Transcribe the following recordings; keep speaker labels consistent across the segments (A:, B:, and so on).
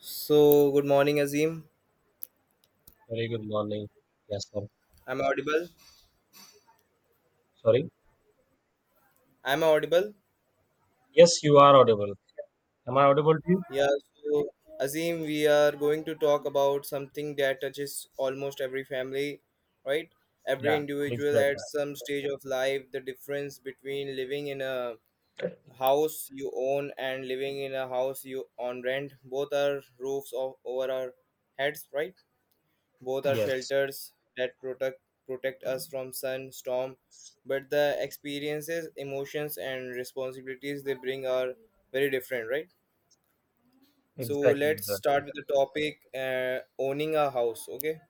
A: So good morning, Azim.
B: Very good morning. Yes, sir.
A: I'm audible.
B: Sorry.
A: I'm audible.
B: Yes, you are audible. Am I audible to you?
A: Yeah. So Azim, we are going to talk about something that touches almost every family, right? Every
B: Yeah,
A: individual at
B: exactly.
A: some stage of life. The difference between living in a house you own and living in a house you on rent. Both are roofs of over our heads, right? Both are
B: Yes,
A: shelters that protect us from sun, storm, but the experiences, emotions, and responsibilities they bring are very different, right? So
B: exactly,
A: let's start
B: exactly.
A: with the topic: owning a house. Okay.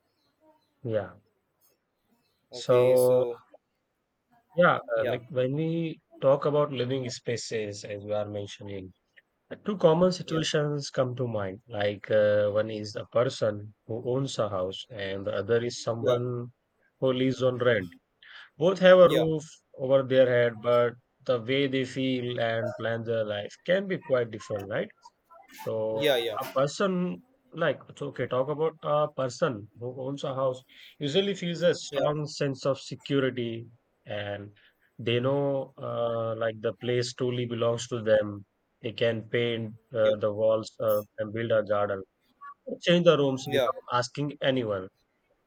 B: Yeah.
A: Okay.
B: So,
A: So
B: yeah,
A: yeah,
B: like when we talk about living spaces, as we are mentioning, two common
A: yeah,
B: situations come to mind. One is a person who owns a house, and the other is
A: yeah,
B: someone who lives on rent. Both have a
A: yeah,
B: roof over their head, but the way they feel and plan their life can be quite different, right? So
A: yeah, yeah,
B: a person, like it's okay, talk about a person who owns a house usually feels a
A: yeah,
B: strong sense of security, and they know, like, the place truly belongs to them. They can paint
A: yeah,
B: the walls and build a garden, change the rooms
A: yeah,
B: without asking anyone.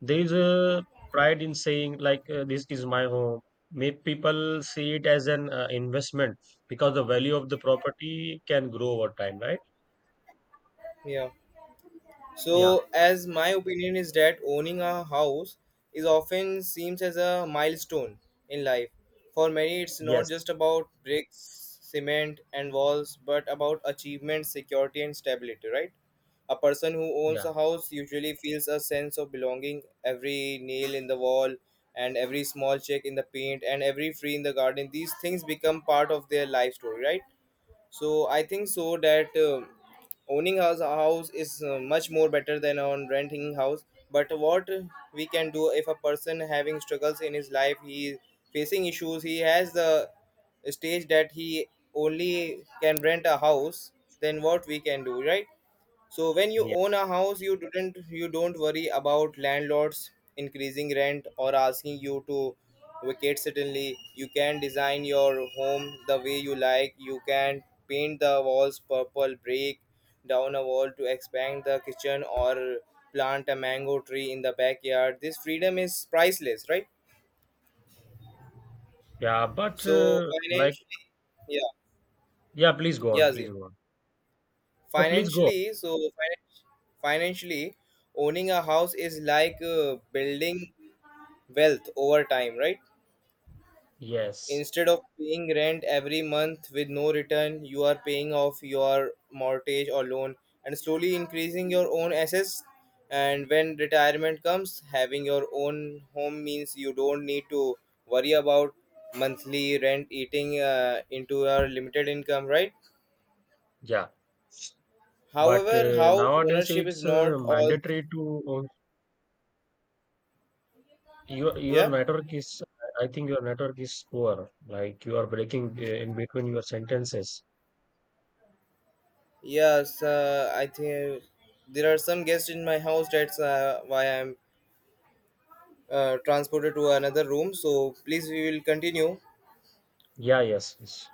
B: There is a pride in saying, this is my home. May people see it as an investment, because the value of the property can grow over time, right?
A: yeah.
B: Yeah.
A: So, as my opinion is that owning a house is often seems as a milestone in life. For many, it's not
B: Yes.
A: just about bricks, cement, and walls, but about achievement, security, and stability, right? A person who owns
B: Yeah,
A: a house usually feels a sense of belonging. Every nail in the wall, and every small check in the paint, and every tree in the garden, these things become part of their life story, right? So I think so that owning a house is much more better than on renting house, but what we can do if a person having struggles in his life, he is facing issues, he has the stage that he only can rent a house, then what we can do, right? So when you
B: yeah,
A: own a house, you don't worry about landlords increasing rent or asking you to vacate suddenly. You can design your home the way you like. You can paint the walls purple, break down a wall to expand the kitchen or plant a mango tree in the backyard. This freedom is priceless, right?
B: yeah, but
A: So
B: like,
A: financially, yeah,
B: yeah, please go on,
A: yeah,
B: please
A: Zim.
B: go on. No, please go on.
A: Financially, financially owning a house is like building wealth over time, right?
B: Yes,
A: Instead of paying rent every month with no return, you are paying off your mortgage or loan and slowly increasing your own assets. And when retirement comes, having your own home means you don't need to worry about monthly rent eating into your limited income, right?
B: yeah, but
A: However, house
B: nowadays
A: ownership is
B: it's
A: not all,
B: mandatory to, your
A: yeah.
B: network is, I think your network is poor, like you are breaking in between your sentences.
A: Yes, I think there are some guests in my house. That's why I'm transported to another room. So please, we will continue.
B: Yeah, yes, yes,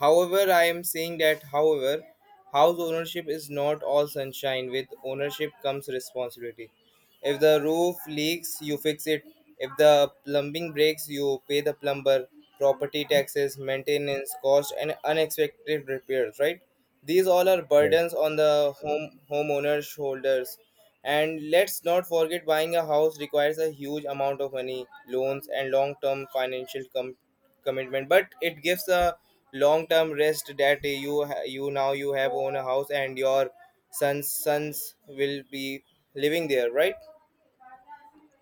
A: However, I am saying that, however, house ownership is not all sunshine. With ownership comes responsibility. If the roof leaks, you fix it. If the plumbing breaks, you pay the plumber, property taxes, maintenance cost, and unexpected repairs, right? These all are
B: yes.
A: burdens on the homeowner's shoulders. And let's not forget buying a house requires a huge amount of money, loans, and long term financial commitment. But it gives a long term rest that you now you have own a house and your sons will be living there, right?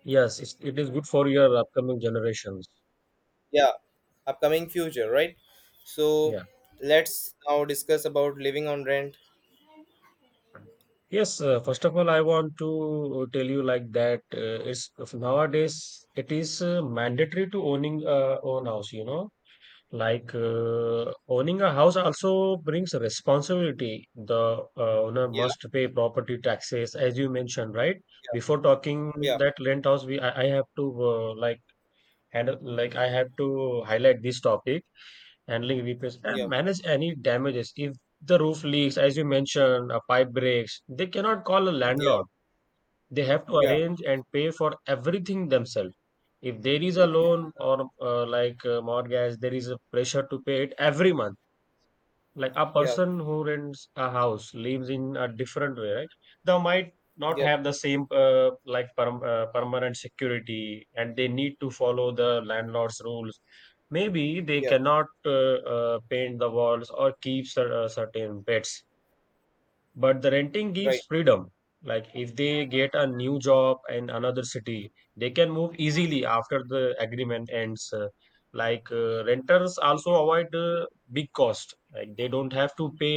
B: Yes, it's, it is good for your upcoming generations.
A: Yeah, upcoming future, right? So
B: Yeah.
A: let's now discuss about living on rent.
B: Yes, first of all, I want to tell you like that, it's, if nowadays it is mandatory to owning a own house, you know. Owning a house also brings responsibility. The owner
A: Yeah,
B: must pay property taxes, as you mentioned, right? Before talking
A: yeah,
B: that rent house, I have to, uh, handle, like, I have to highlight this topic: handling repairs and
A: yeah,
B: manage any damages. If the roof leaks, as you mentioned, a pipe breaks, they cannot call a
A: yeah,
B: landlord. They have to
A: yeah,
B: arrange and pay for everything themselves. If there is a loan or, mortgage, there is a pressure to pay it every month. Like, a
A: yeah, yeah,
B: person who rents a house lives in a different way, right? They might not
A: yeah,
B: have the same, uh, like permanent security, and they need to follow the landlord's rules. Maybe they
A: yeah,
B: cannot, paint the walls or keep certain pets, but the renting gives
A: right,
B: freedom. Like, if they get a new job in another city, they can move easily after the agreement ends. Renters also avoid big cost. Like, they don't have to pay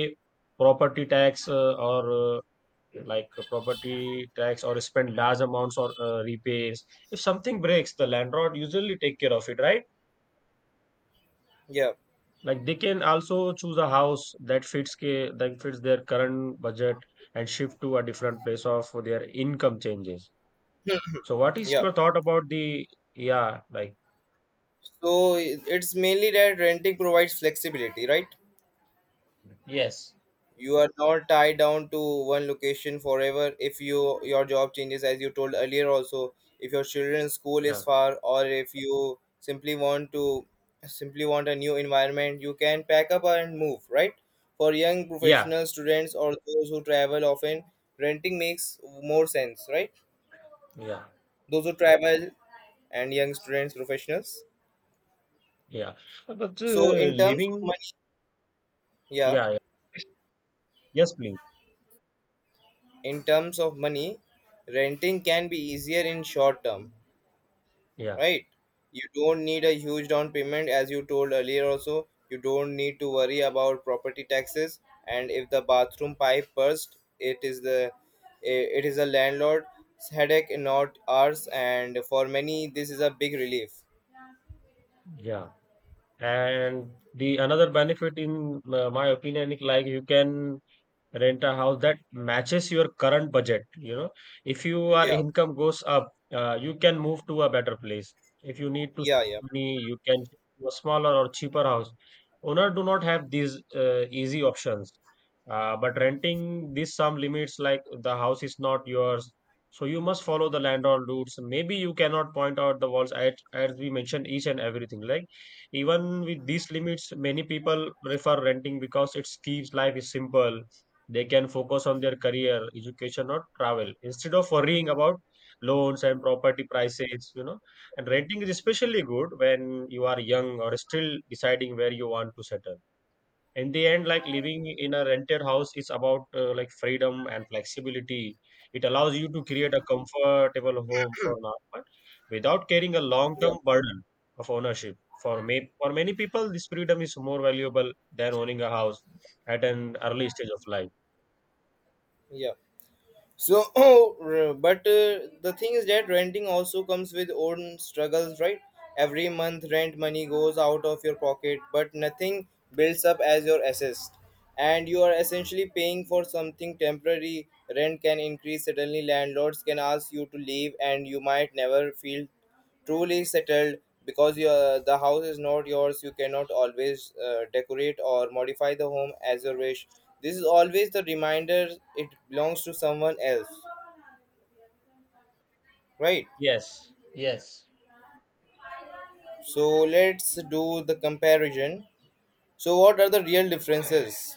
B: property tax or property tax or spend large amounts or repairs. If something breaks, the landlord usually take care of it, right?
A: yeah,
B: Like, they can also choose a house that fits their current budget and shift to a different place of their income changes. So what is
A: yeah.
B: your thought about the, yeah, like,
A: So it's mainly that renting provides flexibility, right?
B: yes.
A: You are not tied down to one location forever if you your job changes, as you told earlier also, if your children's school is
B: Yeah,
A: far or if you simply want to simply want a new environment, you can pack up and move, right? For young
B: yeah,
A: professional students or those who travel often, renting makes more sense, right?
B: yeah,
A: Those who travel and young students professionals.
B: yeah. But
A: So in terms of
B: living,
A: money, yeah,
B: yeah, yeah, yes, please.
A: in terms of money, renting can be easier in short term,
B: Yeah,
A: right? You don't need a huge down payment, as you told earlier, also. You don't need to worry about property taxes, and if the bathroom pipe burst, it is a landlord's headache, not ours. And for many, this is a big relief.
B: yeah. And the another benefit in my opinion is, like, you can rent a house that matches your current budget, you know. If your
A: Yeah,
B: income goes up, you can move to a better place. If you need to
A: yeah, yeah,
B: save money, you can shift to a smaller or cheaper house. Owner do not have these easy options. But renting this some limits, like the house is not yours, so you must follow the landlord rules. Maybe you cannot point out the walls, as we mentioned, each and everything. Like, even with these limits, many people prefer renting because it keeps life is simple. They can focus on their career, education, or travel instead of worrying about loans and property prices, you know. And renting is especially good when you are young or still deciding where you want to settle. In the end, like, living in a rented house is about, uh, freedom and flexibility. It allows you to create a comfortable home for now, but without carrying a
A: yeah,
B: long-term burden of ownership. For me, for many people, this freedom is more valuable than owning a house at an early stage of life.
A: yeah. So, but the thing is that renting also comes with own struggles, right? Every month, rent money goes out of your pocket, but nothing builds up as your assets, and you are essentially paying for something temporary. Rent can increase suddenly. Landlords can ask you to leave, and you might never feel truly settled because your the house is not yours. You cannot always decorate or modify the home as you wish. This is always the reminder it belongs to someone else, right?
B: Yes, yes.
A: So let's do the comparison. So what are the real differences?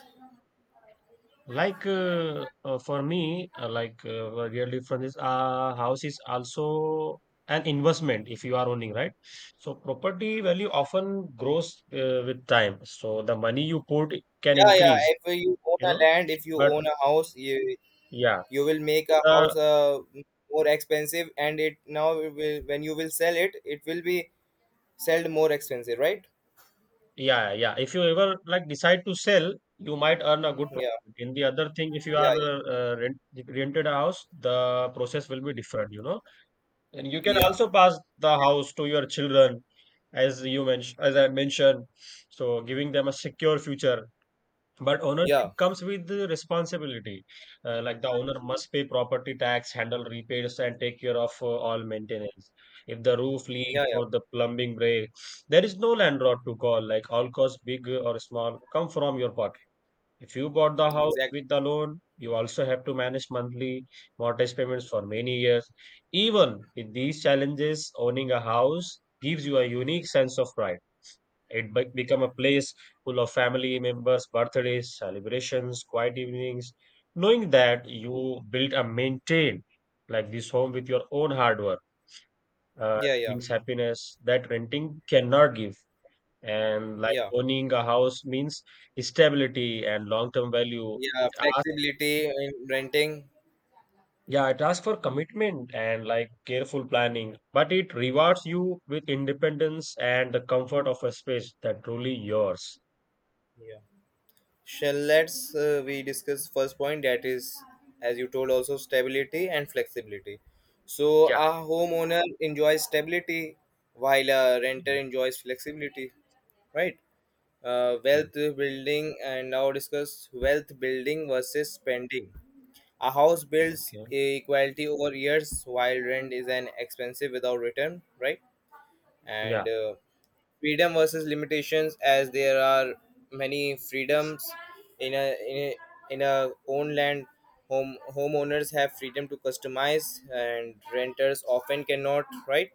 B: For me, a real difference is, house is also an investment if you are owning, right? So property value often grows with time. So the money you put can
A: Yeah, yeah,
B: increase,
A: if you own
B: you
A: a
B: know.
A: land, if you
B: But
A: own a house,
B: yeah,
A: you will make a
B: uh,
A: house more expensive and it now it will, when you will sell it, it will be sold more expensive, right?
B: yeah, yeah. If you ever like decide to sell, you might earn a good profit.
A: Yeah,
B: In the other thing, if you are,
A: yeah,
B: uh, rented a house, the process will be different, you know. And you can
A: yeah. Yeah.
B: also pass the house to your children, as you mentioned, as I mentioned. So giving them a secure future. But
A: Yeah,
B: ownership comes with the responsibility. Like the owner must pay property tax, handle repairs, and take care of all maintenance. If the roof leaks
A: yeah, yeah,
B: or the plumbing breaks, there is no landlord to call. Like, all costs, big or small, come from your pocket. If you bought the house
A: exactly.
B: with the loan, you also have to manage monthly mortgage payments for many years. Even with these challenges, owning a house gives you a unique sense of pride. It become a place full of family members, birthdays, celebrations, quiet evenings. Knowing that you built and maintained like this home with your own hard work, uh,
A: Yeah, yeah,
B: brings happiness that renting cannot give. And, like,
A: yeah,
B: owning a house means stability and long-term value.
A: yeah. Flexibility in renting.
B: Yeah, it asks for commitment and, like, careful planning, but it rewards you with independence and the comfort of a space that truly yours.
A: Yeah. Shall Let's we discuss first point that is, as you told, also stability and flexibility. So
B: Yeah,
A: a homeowner enjoys stability while a renter
B: yeah,
A: enjoys flexibility, right?
B: yeah,
A: Wealth building, and now discuss wealth building versus spending. A house builds
B: okay,
A: equality over years while rent is an expensive without return, right?
B: yeah,
A: And freedom versus limitations, as there are many freedoms in a in a, in a own land, homeowners have freedom to customize and renters often cannot, right?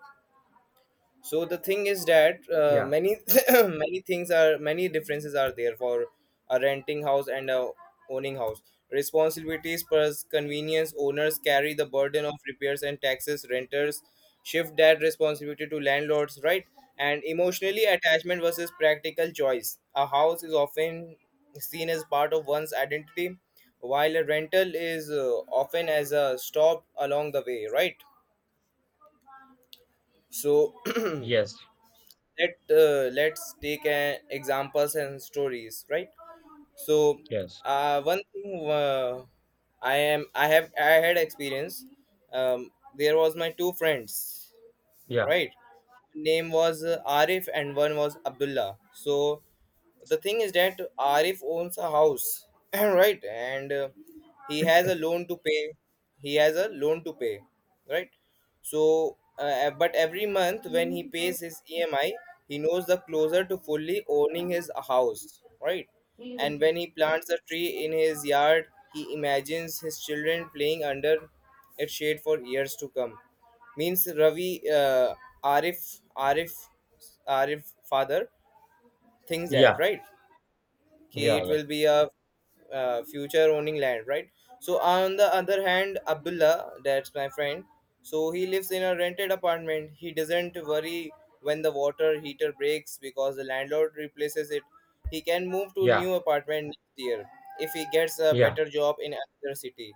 A: So the thing is that
B: yeah,
A: many many differences are there for a renting house and a owning house. Responsibilities plus convenience, owners carry the burden of repairs and taxes, renters shift that responsibility to landlords, right? And emotionally attachment versus practical choice, a house is often seen as part of one's identity, while a rental is often as a stop along the way, right? So
B: yes,
A: let's take an examples and stories, right? So
B: yes,
A: one thing, I am I have I had experience. There was my two friends,
B: yeah,
A: right? Name was Arif and one was Abdullah. So the thing is that Arif owns a house, right? And he has a loan to pay. He has a loan to pay, right? So, but every month when he pays his EMI, he knows the closer to fully owning his house, right? And when he plants a tree in his yard, he imagines his children playing under its shade for years to come. Means Ravi, Arif, Arif, Arif father thinks that,
B: yeah,
A: right? कि it
B: yeah,
A: will be a future owning land, right? So on the other hand, Abdullah, that's my friend, so he lives in a rented apartment. He doesn't worry when the water heater breaks because the landlord replaces it. He can move to
B: yeah,
A: new apartment next year if he gets a
B: yeah, yeah,
A: better job in another city.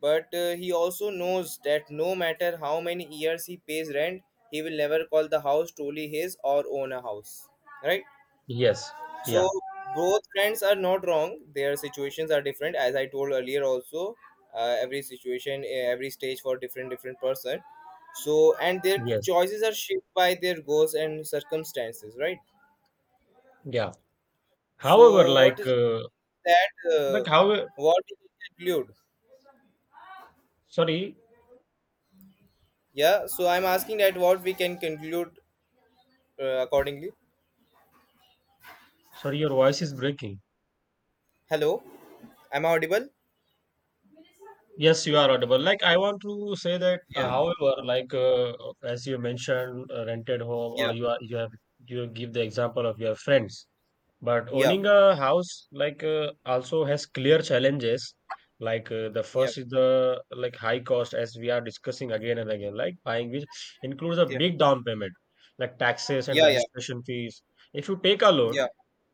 A: But he also knows that no matter how many years he pays rent, he will never call the house truly his or own a house. Right?
B: yes,
A: So
B: yeah,
A: both friends are not wrong. Their situations are different, as I told earlier. Also, every situation, every stage for different different person. So and their
B: yes,
A: choices are shaped by their goals and circumstances, right?
B: yeah. However,
A: So what is that?
B: like, however,
A: What we can conclude?
B: sorry,
A: Yeah. So I'm asking that what we can conclude accordingly.
B: sorry, your voice is breaking.
A: Hello, am I audible?
B: Yes, you are audible. Like, I want to say that,
A: Yeah.
B: however, as you mentioned, rented home,
A: Yeah.
B: or you have, you give the example of your friends. But
A: Yeah.
B: owning a house, also has clear challenges. The
A: Yeah.
B: first is the, like, high cost, as we are discussing again and again. Like, buying, which includes a
A: Yeah.
B: big down payment, like taxes and
A: Yeah. Yeah.
B: registration fees. If you
A: Yeah.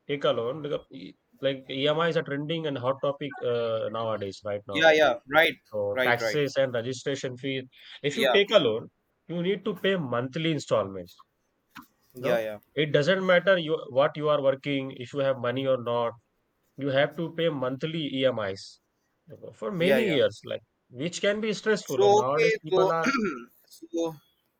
B: take a loan, like EMIs are trending and hot topic nowadays, right now.
A: Yeah, yeah, right,
B: So
A: right, right,
B: taxes and registration fee. If you
A: yeah,
B: take a loan, you need to pay monthly installments.
A: yeah,
B: No,
A: yeah,
B: it doesn't matter you what you are working, if you have money or not. You have to pay monthly EMIs, okay, for
A: yeah,
B: many
A: yeah.
B: years, like, which can be stressful.
A: So
B: And
A: okay,
B: nowadays,
A: so
B: people are
A: so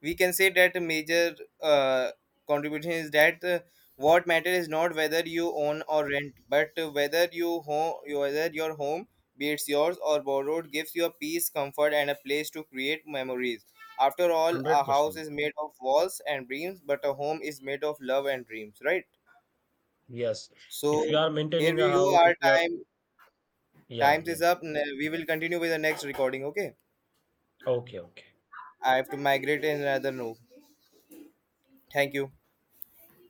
A: we can say that a major uh, contribution is that what matter is not whether you own or rent, but whether your home, be it's yours or borrowed, gives you a peace comfort and a place to create memories. After all, a
B: hundred
A: house
B: percent.
A: is made of walls and dreams, but a home is made of love and dreams, right?
B: Yes, if you
A: So
B: are
A: here
B: maintaining a
A: we go.
B: house, if
A: Our
B: you are,
A: time
B: yeah,
A: Times
B: yeah,
A: is up. We will continue with the next recording. Okay.
B: okay, okay.
A: I have to migrate in another room. Thank you.